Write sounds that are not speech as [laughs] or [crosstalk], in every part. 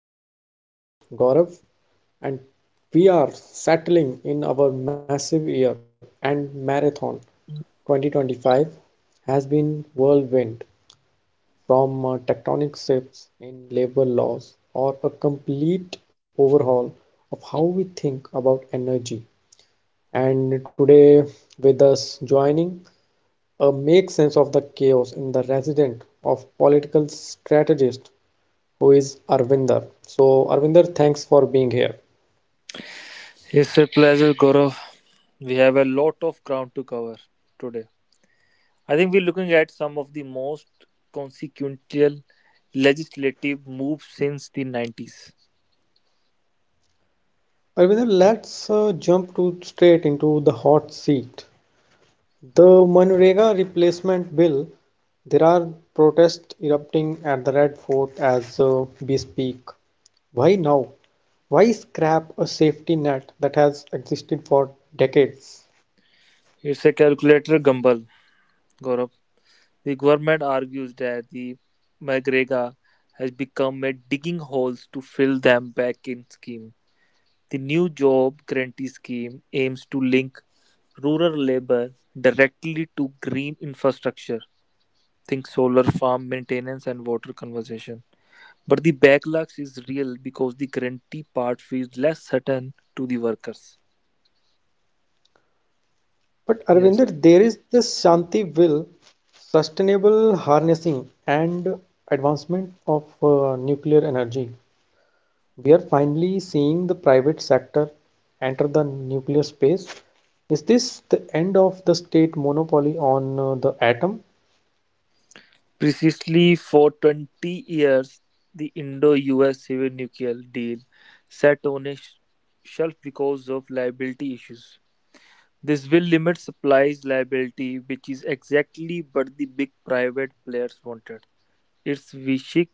And I am your host, Gaurav, and we are settling in our massive year and marathon. 2025 has been whirlwind from tectonic shifts in labor laws or a complete overhaul of how we think about energy and today, with us joining, a make sense of the chaos in the resident of political strategist who is Arvinder. So, Arvinder, thanks for being here. It's a pleasure, Gaurav. We have a lot of ground to cover today. I think we're looking at some of the most consequential legislative moves since the 90s. Arvinder, let's jump to straight into the hot seat. The Manrega replacement bill. There are protests erupting at the Red Fort as we speak. Why now? Why scrap a safety net that has existed for decades? It's a calculator gamble, Gaurav. The government argues that the McGregor has become a digging holes to fill them back in scheme. The new job guarantee scheme aims to link rural labor directly to green infrastructure. Think solar farm maintenance and water conservation. But the backlogs is real because the guarantee part feels less certain to the workers. But Yes. Arvinder, there is this Shanti will, sustainable harnessing and advancement of nuclear energy. We are finally seeing the private sector enter the nuclear space. Is this the end of the state monopoly on the atom? Precisely for 20 years, the Indo US civil nuclear deal sat on a shelf because of liability issues. This will limit supplies liability, which is exactly what the big private players wanted. It's Vishik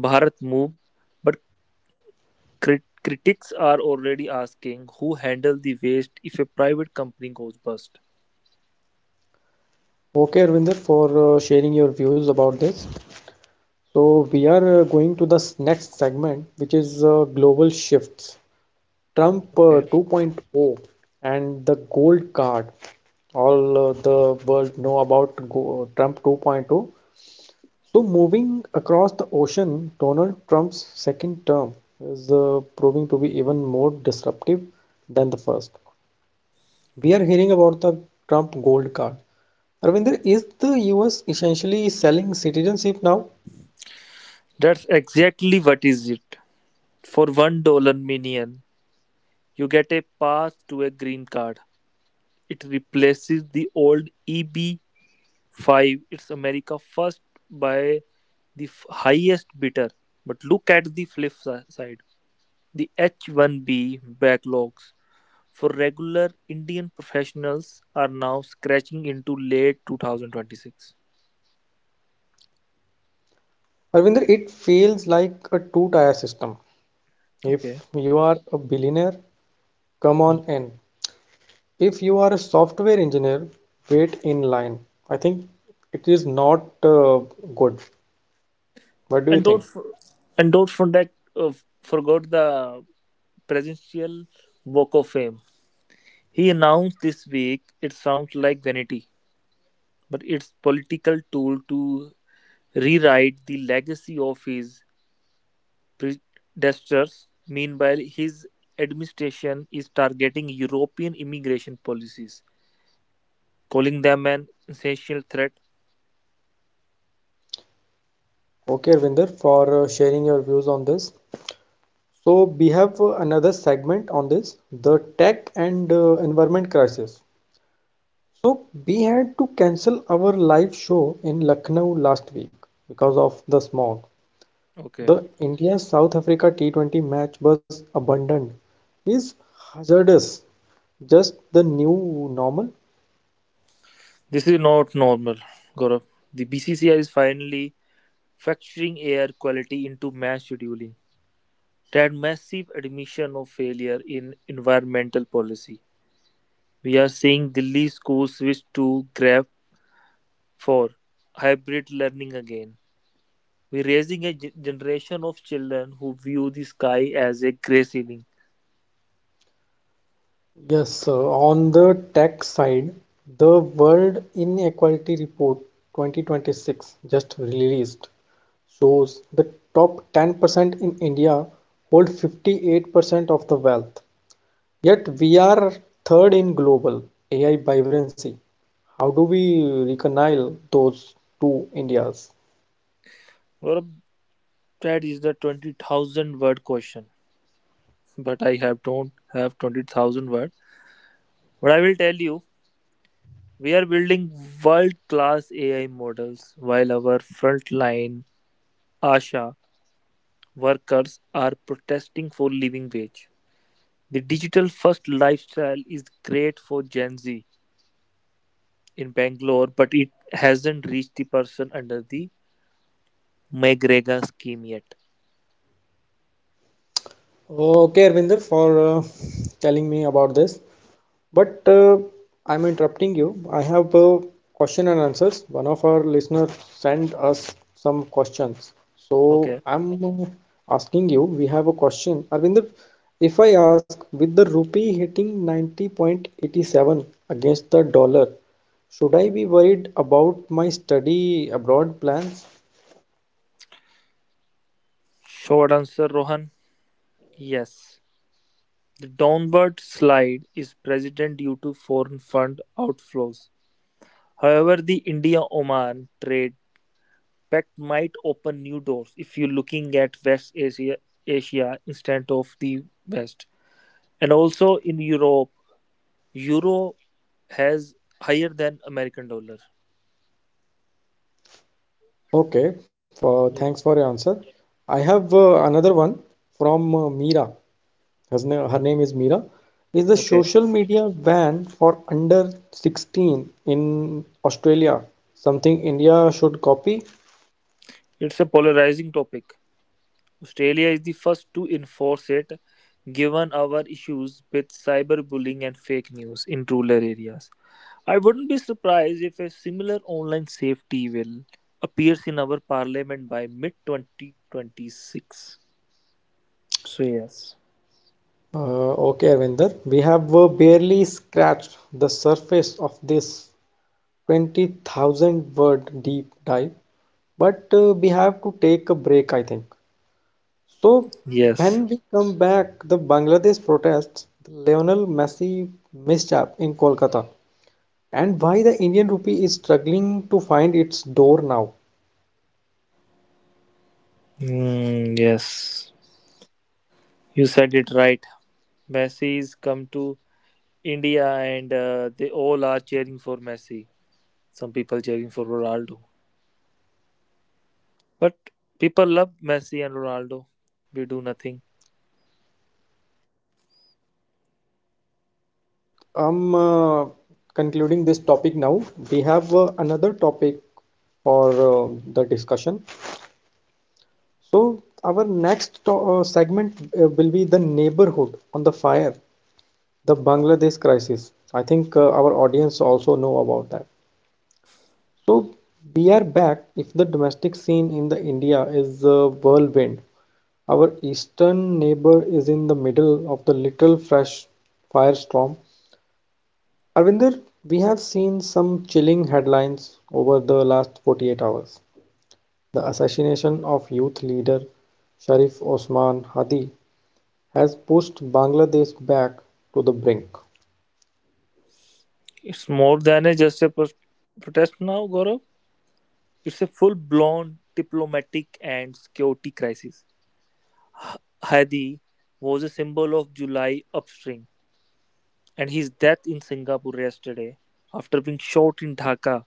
Bharat move, but critics are already asking who handle the waste if a private company goes bust. Okay, Arvinder, for sharing your views about this. So we are going to the next segment, which is global shifts. Trump Okay, 2.0 and the gold card. All the world know about go Trump 2.0. So moving across the ocean, Donald Trump's second term is proving to be even more disruptive than the first. We are hearing about the Trump gold card. Arvinder, is the US essentially selling citizenship now? that's exactly what is it. For $1 million, you get a pass to a green card. It replaces the old EB5. It's America first by the highest bidder. But look at the flip side. The H1B backlogs for regular Indian professionals are now scratching into late 2026. Arvinder, it feels like a two-tier system. Okay. If you are a billionaire, come on in. If you are a software engineer, wait in line. I think it is not good. What do you And think? don't for, and don't forget forgot the presidential walk of fame. He announced this week. It sounds like vanity, but it's political tool to rewrite the legacy of his predecessors. Meanwhile, his administration is targeting European immigration policies, calling them an essential threat. Okay, Arvinder, for sharing your views on this. So we have another segment on this, the tech and environment crisis. So we had to cancel our live show in Lucknow last week because of the smog. Okay. The India South Africa T20 match was abandoned. Is hazardous just the new normal? This is not normal, Gaurav. The BCCI is finally factoring air quality into mass scheduling. That massive admission of failure in environmental policy. We are seeing Delhi schools switch to Grab for hybrid learning again. We're raising a generation of children who view the sky as a grey ceiling. Yes, sir. On the tax side, the World Inequality Report 2026, just released, shows the top 10% in India hold 58% of the wealth. Yet we are third in global AI vibrancy. How do we reconcile those two Indias? Gaurav, that is the 20,000 word question. But I have don't have 20,000 word. But I will tell you. We are building world class AI models while our frontline ASHA workers are protesting for living wage. The digital first lifestyle is great for Gen Z in Bangalore, but it hasn't reached the person under the MGREGA scheme yet. Okay, Arvinder, for telling me about this. But I'm interrupting you. I have question and answers. One of our listeners sent us some questions. So Okay. I'm asking you, we have a question. Arvinder, if I ask, with the rupee hitting 90.87 against the dollar, should I be worried about my study abroad plans? Short answer, Rohan. Yes. The downward slide is present due to foreign fund outflows. However, the India Oman trade pact might open new doors if you're looking at West Asia, Asia instead of the West. And also in Europe, Euro has higher than American dollar. Okay, for, thanks Yeah. for your answer. I have another one from Meera. Her name, is Meera, is the Okay. social media ban for under 16 in Australia. Something India should copy. It's a polarizing topic. Australia is the first to enforce it given our issues with cyberbullying and fake news in rural areas. I wouldn't be surprised if a similar online safety bill appears in our parliament by mid 2026. So yes, Okay, Arvinder, we have barely scratched the surface of this 20,000 word deep dive, but we have to take a break, I think. So, yes, when we come back, the Bangladesh protests, the Lionel Messi mishap in Kolkata, and why the Indian rupee is struggling to find its door now. mm, yes. You said it right. Messi's come to India, and they all are cheering for Messi. Some people cheering for Ronaldo, but Yes, people yes. love Messi and Ronaldo. We do nothing. So I'm concluding this topic now. We have another topic for the discussion. So our next to segment will be the neighborhood on the fire, the Bangladesh crisis. I think our audience also know about that. So we are back. If the domestic scene in the India is a whirlwind, our eastern neighbor is in the middle of the literal fresh firestorm. Arvinder, we have seen some chilling headlines over the last 48 hours. The assassination of youth leader Sharif Osman Hadi has pushed Bangladesh back to the brink. It's more than a just a protest now, Gaurav. It's a full-blown diplomatic and security crisis. Hadi was a symbol of July upstream, and his death in Singapore yesterday after being shot in Dhaka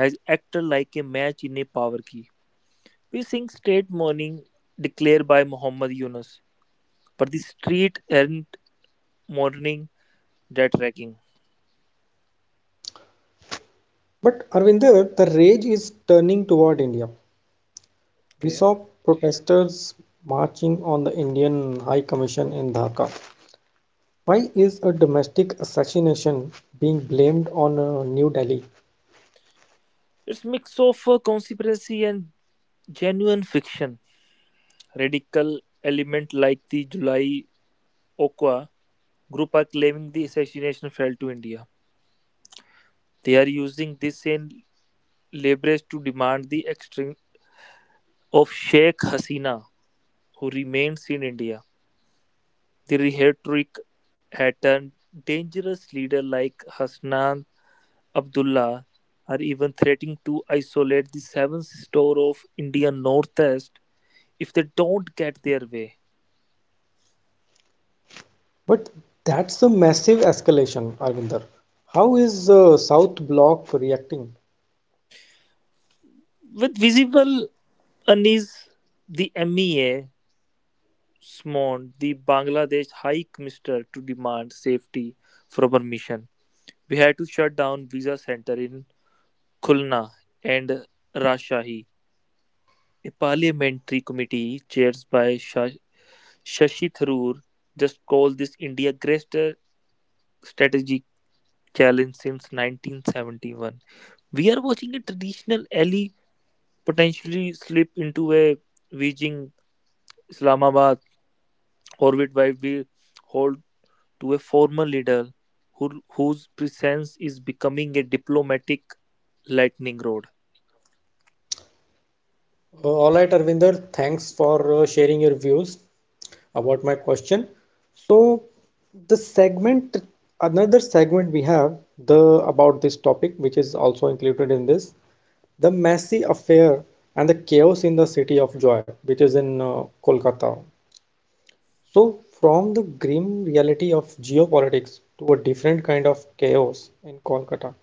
has acted like a match in a power key. We sing state morning declared by Muhammad Yunus, but the street aren't mourning that ragging. But Arvinder, the rage is turning toward India. We Okay. saw protesters marching on the Indian High Commission in Dhaka. Why is a domestic assassination being blamed on New Delhi? It's mix of conspiracy and genuine fiction. Radical element like the July Okwa group are claiming the assassination fell to India. They are using this same leverage to demand the extradition of Sheikh Hasina, who remains in India. The rhetoric at a dangerous leader like Hasnan Abdullah are even threatening to isolate the seventh store of Indian Northeast if they don't get their way. But that's a massive escalation, Arvinder. How is South Bloc reacting? With visible unease, the MEA summoned the Bangladesh High Commissioner to demand safety from our mission. We had to shut down visa center in Khulna and Rajshahi. A parliamentary committee chaired by Shah. Shashi Tharoor just called this India's greatest strategic challenge since 1971. We are watching a traditional ally potentially slip into a Beijing Islamabad orbit while we hold to a former leader whose presence is becoming a diplomatic lightning rod. All right, Arvinder, thanks for sharing your views about my question. So the segment, another segment we have the about this topic, which is also included in this, the messy affair and the chaos in the city of joy, which is in Kolkata. So from the grim reality of geopolitics to a different kind of chaos in Kolkata,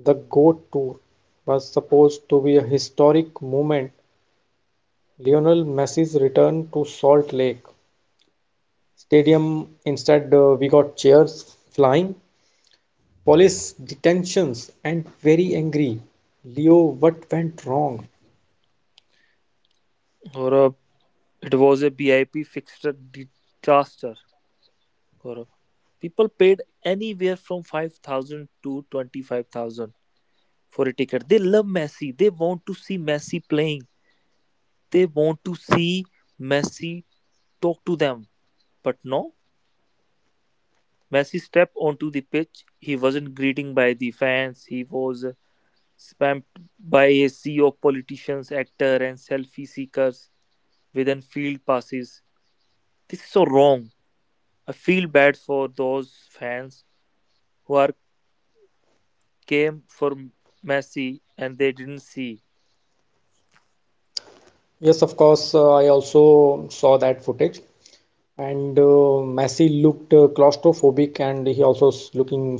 the goat tour was supposed to be a historic moment, Lionel Messi's return to Salt Lake Stadium. Instead, we got chairs flying, police detentions, and very angry Leo. What went wrong? Gaurav, it was a BIP fixture disaster. Gaurav. People paid anywhere from 5,000 to 25,000 for a ticket. They love Messi. They want to see Messi playing. They want to see Messi talk to them. But no, Messi stepped onto the pitch. He wasn't greeted by the fans. He was spammed by a sea of politicians, actors, and selfie seekers with field passes. This is so wrong. I feel bad for those fans who are came for Messi and they didn't see. Yes, of course, I also saw that footage. And Messi looked claustrophobic and he looking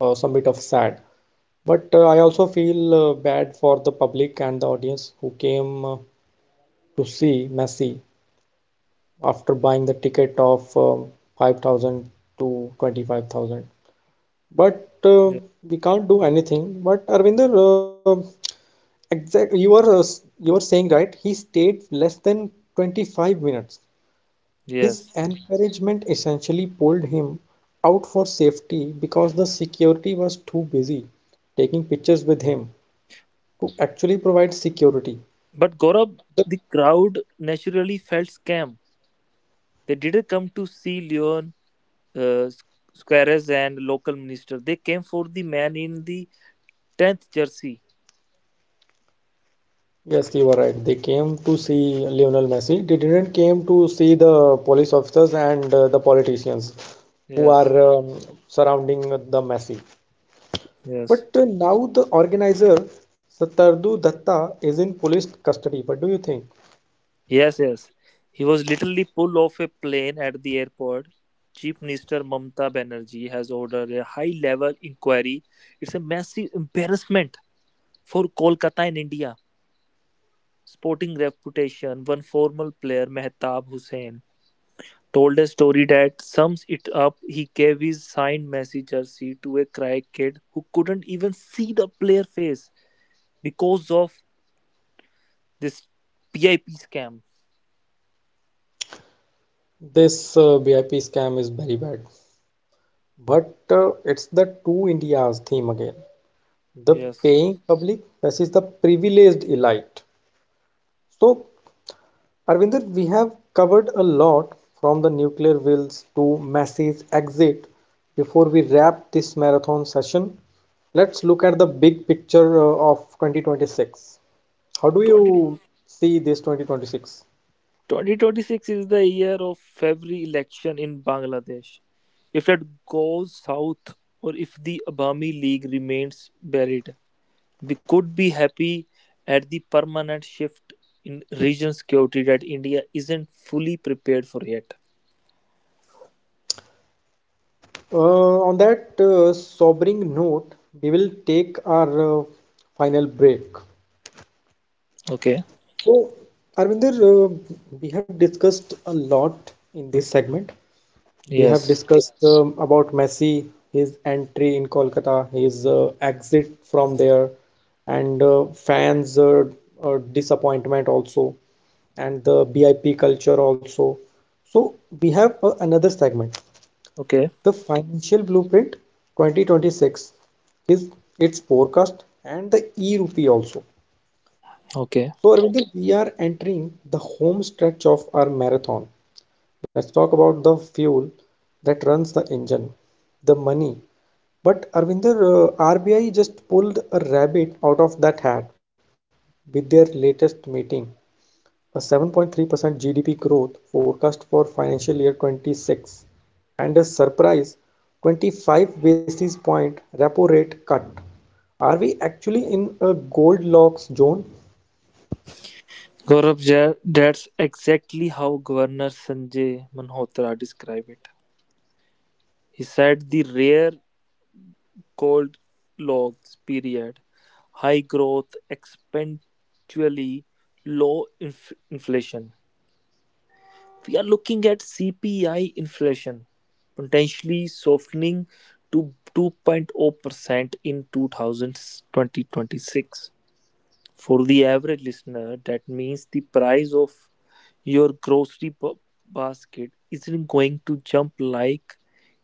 some bit of sad. But I also feel bad for the public and the audience who came to see Messi after buying the ticket of 5,000 to 25,000. But Yeah. we can't do anything. But Arvinder, exact you are you are saying right? He stayed less than 25 minutes. His Yes. encouragement essentially pulled him out for safety because the security was too busy taking pictures with him to actually provide security. But Gaurav, The- the crowd naturally felt scam. They didn't come to see Leon, uh, Squares, and local minister. They came for the man in the 10th jersey. Yes, you are right. They came to see Lionel Messi. They didn't came to see the police officers and the politicians who Yes, are surrounding the Messi. yes, But now the organizer Satardu Datta is in police custody. What do you think? yes, yes. He was literally pulled off a plane at the airport. Chief Minister Mamata Banerjee has ordered a high level inquiry. It's a massive embarrassment for Kolkata in India. Sporting reputation, one former player, Mehtab Hussain told a story that sums it up. He gave his signed Messi jersey to a cry kid who couldn't even see the player face because of this PIP scam. This BIP scam is very bad. But it's the two Indias theme again. The Yes. paying public versus the privileged elite. So, Arvinder, we have covered a lot from the nuclear wills to Messi's exit. Before we wrap this marathon session, let's look at the big picture of 2026. How do 20, you see this 2026? 2026 is the year of every election in Bangladesh. If that goes south or if the Abami League remains buried, we could be happy at the permanent shift in region security that India isn't fully prepared for yet. Uh, on that sobering note, we will take our final break. Okay. So, Arvinder, we have discussed a lot in this segment. We have Yes. discussed about Messi, his entry in Kolkata, his exit from there, and fans' disappointment also, and the BIP culture also. So, we have another segment, Okay, the Financial Blueprint 2026, his its forecast and the e-rupee also. okay. So, Arvinder, we are entering the home stretch of our marathon. Let's talk about the fuel that runs the engine, the money. But, Arvinder, RBI just pulled a rabbit out of that hat with their latest meeting, a 7.3% GDP growth forecast for financial year 26, and a surprise 25 basis point repo rate cut. Are we actually in a Goldilocks zone? Gaurav, that's exactly how Governor Sanjay Manhotra described it. He said the rare cold logs period, high growth, exponentially low inflation. We are looking at CPI inflation potentially softening to 2.0% in 2026. For the average listener, that means the price of your grocery basket isn't going to jump like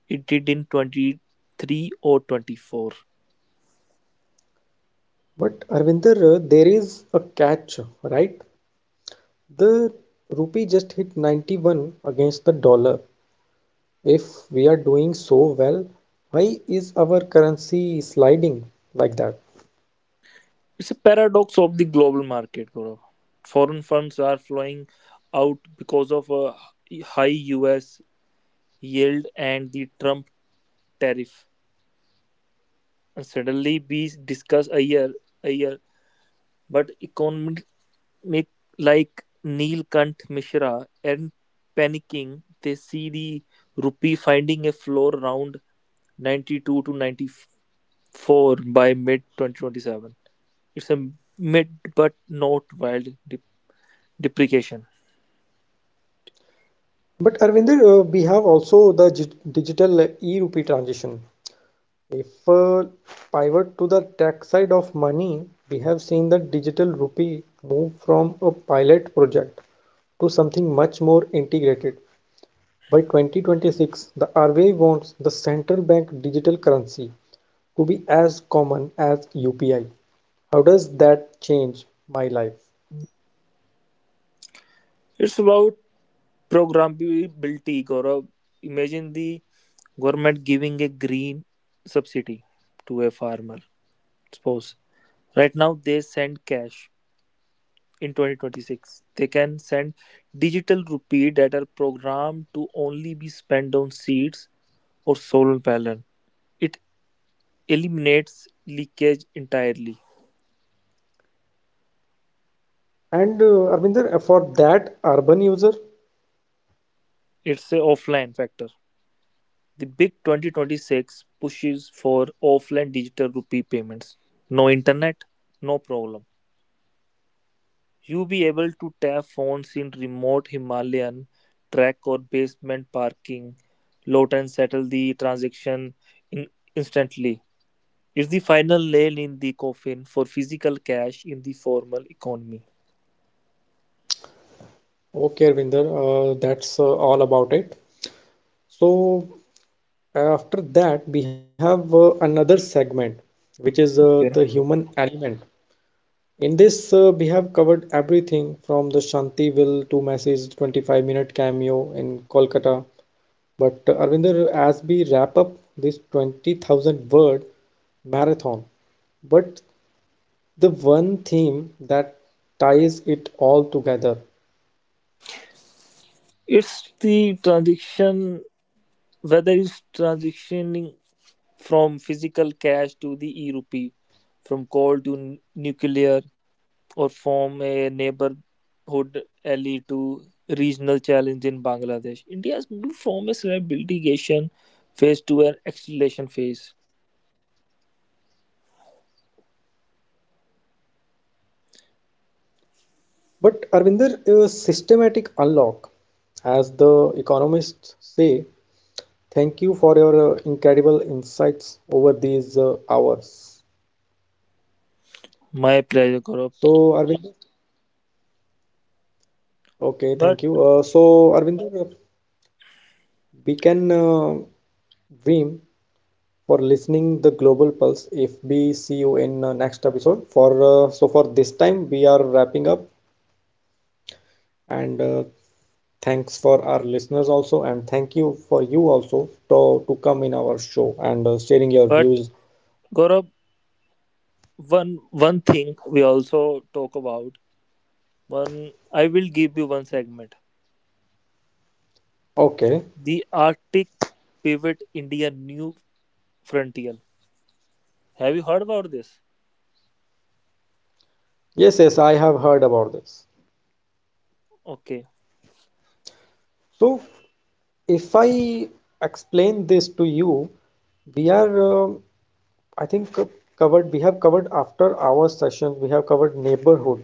it did in 23 or 24. But Arvinder, there is a catch, right? The rupee just hit 91 against the dollar. If we are doing so well, why is our currency sliding like that? It's a paradox of the global market, Gaurav. Foreign funds are flowing out because of a high US yield and the Trump tariff. And suddenly we discuss a year, but economy. Make like Neelkanth Mishra and panicking, they see the rupee finding a floor around 92 to 94 by mid 2027. It's a mid but not wild depreciation. But Arvinder, we have also the digital e-rupee transition. If pivot to the tech side of money, we have seen the digital rupee move from a pilot project to something much more integrated. By 2026, the RBI wants the central bank digital currency to be as common as UPI. How does that change my life? It's about programmability, Gaurav. Imagine the government giving a green subsidy to a farmer. Suppose right now they send cash in 2026. They can send digital rupee that are programmed to only be spent on seeds or solar panel. It eliminates leakage entirely. And Arvinder, for that urban user, It's a offline factor. The big 2026 pushes for offline digital rupee payments. No internet, no problem. You be able to tap phones in remote Himalayan track or basement parking lot and settle the transaction in instantly. It's the final nail in the coffin for physical cash in the formal economy. okay, Arvinder, that's all about it. So after that, we have another segment, which is the Okay. human element. In this, we have covered everything from the Shanti Will to Messi's 25 minute cameo in Kolkata. But Arvinder, as we wrap up this 20,000 word marathon, but the one theme that ties it all together. It's the transition, whether it's transitioning from physical cash to the e rupee, from coal to nuclear, or from a neighborhood alley to regional challenge in Bangladesh. India has moved from a stabilization phase to an acceleration phase. But Arvinder, a systematic unlock, as the economists say, thank you for your incredible insights over these hours. My pleasure, Gaurav. So, Arvinder, okay, thank But you. So, Arvinder, we can dream for listening the Global Pulse. If we see you in next episode, for so for this time we are wrapping up, and thanks for our listeners also, and thank you for you also to come in our show and sharing your but views. Gaurav, one thing we also talk about. One, I will give you one segment, Okay, the Arctic pivot, India new frontier. Have you heard about this? yes, yes, I have heard about this. Okay, So, if I explain this to you, we are, I think, covered. We have covered after our sessions, we have covered neighborhood,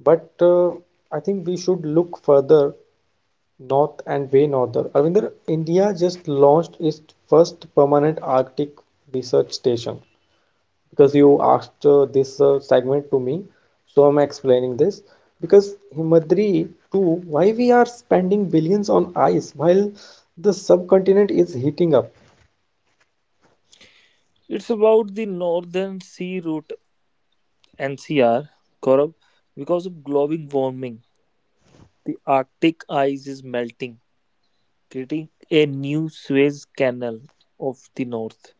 but I think we should look further north and way norther. Arvinder, India just launched its first permanent Arctic research station because you asked this segment to me, so I'm explaining this. Because Himadri too, why we are spending billions on ice while the subcontinent is heating up? it's about the northern sea route, NCR, Gaurav, because of global warming, the Arctic ice is melting, creating a new Suez Canal of the north.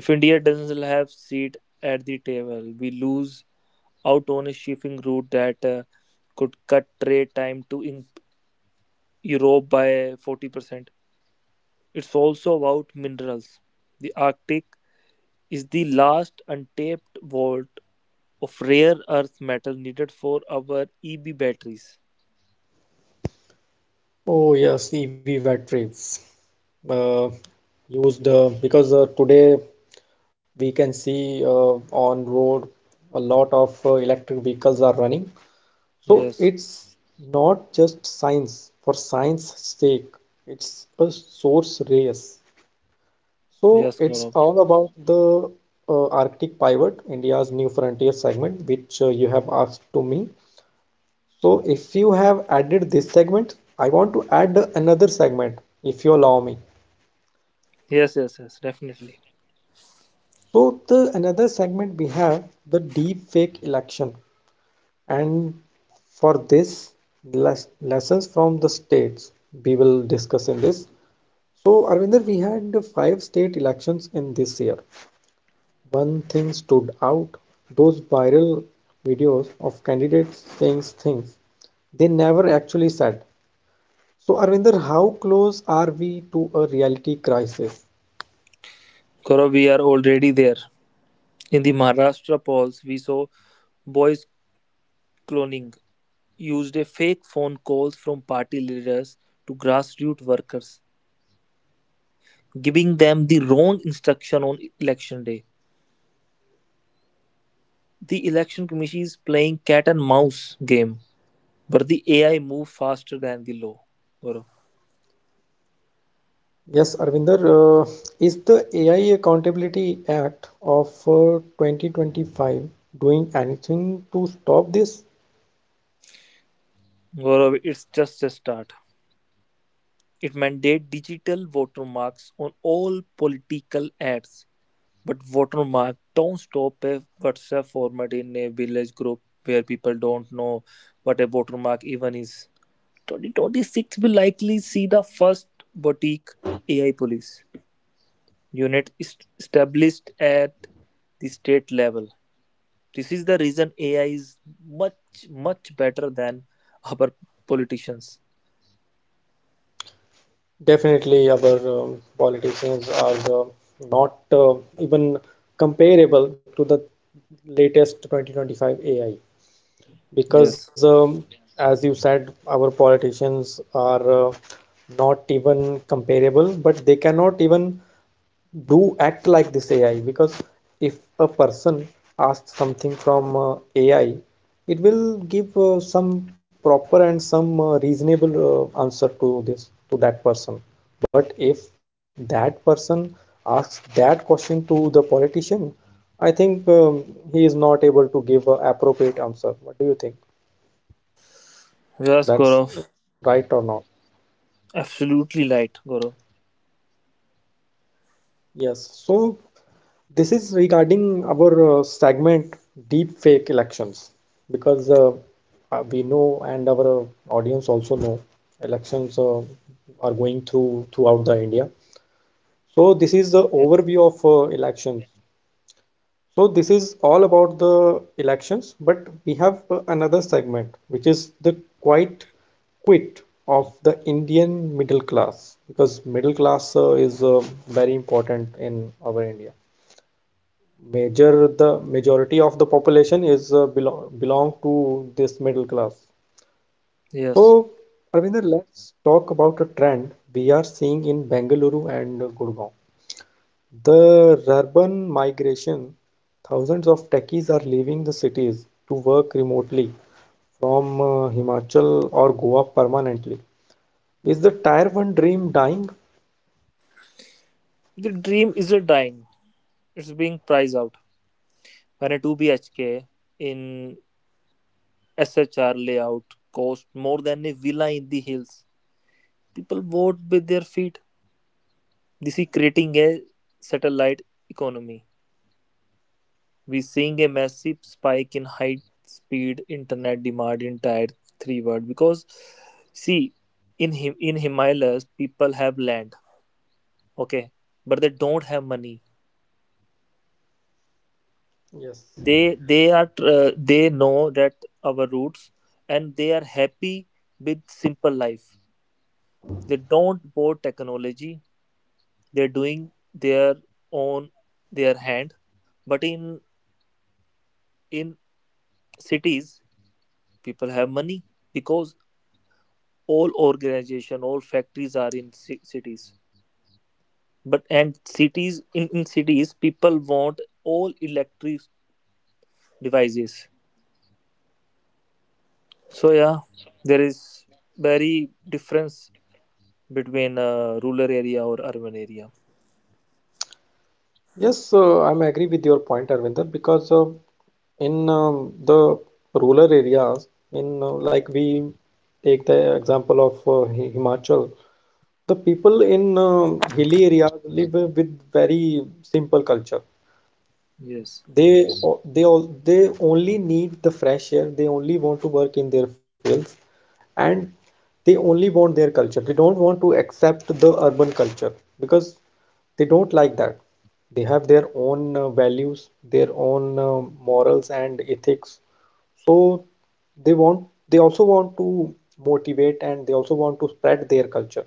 If India doesn't have seat at the table, we lose out on a shipping route that could cut trade time to in Europe by 40%. It's also about minerals. The Arctic is the last untapped vault of rare earth metal needed for our EB batteries. Oh yes, EV batteries uh, used because today we can see uh, on road a lot of electric vehicles are running, so Yes, it's not just science for science sake, it's a source race. So yes, it's Gaurav. all about the Arctic Pivot, India's new frontier segment, which you have asked to me. So if you have added this segment, I want to add another segment, if you allow me. Yes, yes, yes, definitely. So the another segment we have the deep fake election, and for this lessons from the states, we will discuss in this. So Arvinder, we had 5 state elections in this year. One thing stood out: those viral videos of candidates saying things they never actually said. So, Arvinder, how close are we to a reality crisis? Gaurav, we are already there. In the Maharashtra polls, we saw boys cloning used a fake phone calls from party leaders to grassroots workers, giving them the wrong instruction on election day. The election commission is playing cat and mouse game, but the AI move faster than the law. Gaurav, Yes, Arvinder, uh, is the AI Accountability Act of 2025 doing anything to stop this? Gaurav, it's just a start. It mandates digital watermarks on all political ads, but watermark don't stop a WhatsApp format in a village group where people don't know what a watermark even is. 2026 will likely see the first boutique AI police unit is established at the state level. This is the reason AI is much, much better than our politicians. Definitely, our politicians are not even comparable to the latest 2025 AI. because Yes. um, as you said, our politicians are not even comparable, but they cannot even do act like this AI because if a person asks something from AI, it will give some proper and some reasonable answer to this to that person. But if that person asks that question to the politician, I think he is not able to give a appropriate answer. What do you think, Yes, that's Gaurav. right or not? Absolutely right, Gaurav. Yes. So this is regarding our segment, deep fake elections, because we know, and our audience also know, elections are going throughout the India. So this is the Yes. overview of elections. So this is all about the elections, but we have another segment, which is the quit of the Indian middle class, because middle class is very important in our India. Major the majority of the population is belong to this middle class. Yes. So Ravinder, let's talk about a trend we are seeing in Bengaluru and Gurgaon. The urban migration, thousands of techies are leaving the cities to work remotely from Himachal or Goa permanently. Is the tier one dream dying? The dream isn't dying, it's being priced out. When a 2 BHK in SHR layout costs more than a villa in the hills, people vote with their feet. This is creating a satellite economy. We're seeing a massive spike in high speed internet demand in tier 3 world, because see, in him in Himalayas people have land, okay, but they don't have money. Yes. They are, they know that our roots, and they are happy with simple life. They don't bought technology. They're doing their own their hand. But in in cities people have money. Because all organization all factories are in cities. But and cities in cities people want all electric devices. So yeah, there is very difference between rural area or urban area. Yes, I'm agree with your point, Arvinder, because in the rural areas, in like, we take the example of Himachal, the people in hilly areas live with very simple culture. Yes. They o- they all they only need the fresh air. They only want to work in their fields, and they only want their culture. They don't want to accept the urban culture because they don't like that. They have their own values, their own morals and ethics. So they want they also want to motivate, and they also want to spread their culture.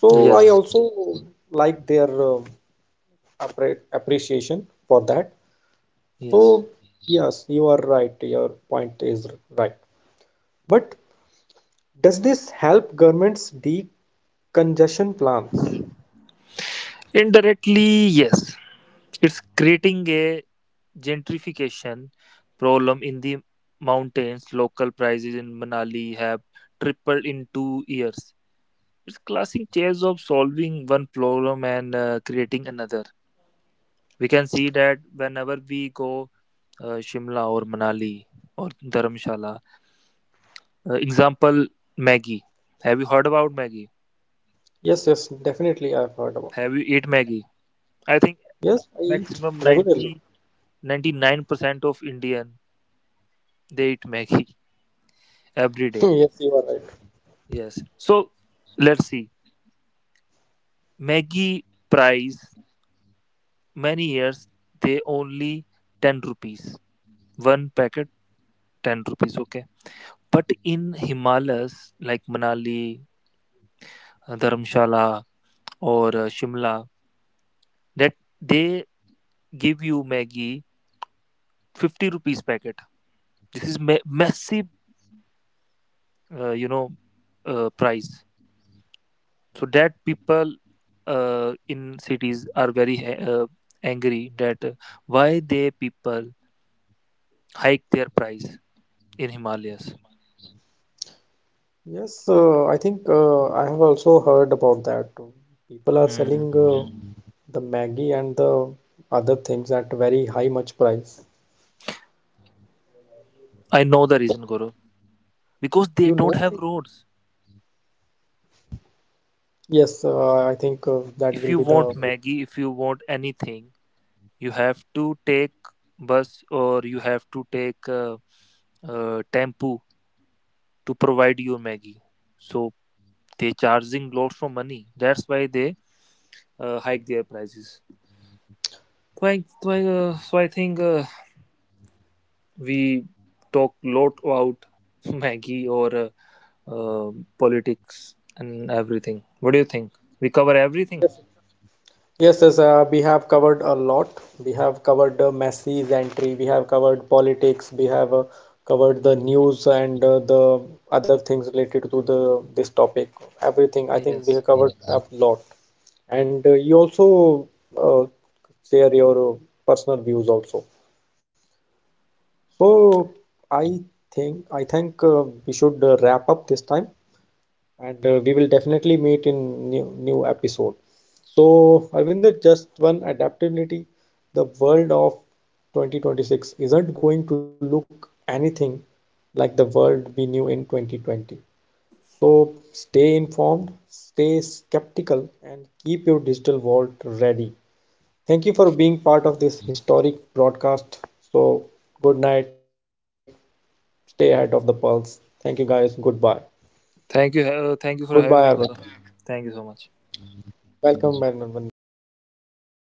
So I Yes. also like their appreciation for that. Yes, So, yes, you are right. Your point is right. But does this help governments decongestion plans? indirectly yes, it's creating a gentrification problem in the mountains. Local prices in Manali have tripled in 2 years. It's classic chase of solving one problem and creating another. We can see that whenever we go Shimla or Manali or Dharamshala. Example Maggie. Have you heard about Maggie? Yes, yes, definitely I've heard about. Have you eat Maggie? I think Yes, I eat maximum regularly. ninety [laughs] ninety nine percent of Indian they eat Maggie [laughs] every day. Yes, you are right. Yes. So let's see. Maggie price many years they only 10 rupees. One packet 10 rupees. Okay. But in Himalayas like Manali, Dharamshala, or Shimla, that they give you Maggie 50 rupees packet. This is massive, uh, you know, price. So that people in cities are very angry that why they people hike their price in Himalayas. Yes, I think I have also heard about that. People are Hmm. selling the Maggie and the other things at very high much price. I know the reason, Guru. Because they You don't know, have very- roads. yes, I think that If will you be want the. Maggie, if you want anything, you have to take bus or you have to take tempo to provide your maggie. So they charging lots of money, that's why they hike their prices. So so I think we talk lot about [laughs] maggie or uh, politics and everything. What do you think? We cover everything. Yes, yes, we have covered a lot. We have covered Messi's entry, we have covered politics, we have covered the news, and the other things related to the this topic. Everything, I think we Yes. have covered a lot. And you also uh, share your personal views also. So I I think we should wrap up this time, and we will definitely meet in new episode. So Arvinder, just one adaptability, the world of 2026 isn't going to look anything like the world we knew in 2020. So stay informed, stay skeptical, and keep your digital vault ready. Thank you for being part of this historic broadcast. So, good night. Stay ahead of the pulse. Thank you, guys. Goodbye. Thank you for Goodbye, having me, Gaurav. Arvinder. Thank you so much. Welcome, Arvinder, welcome.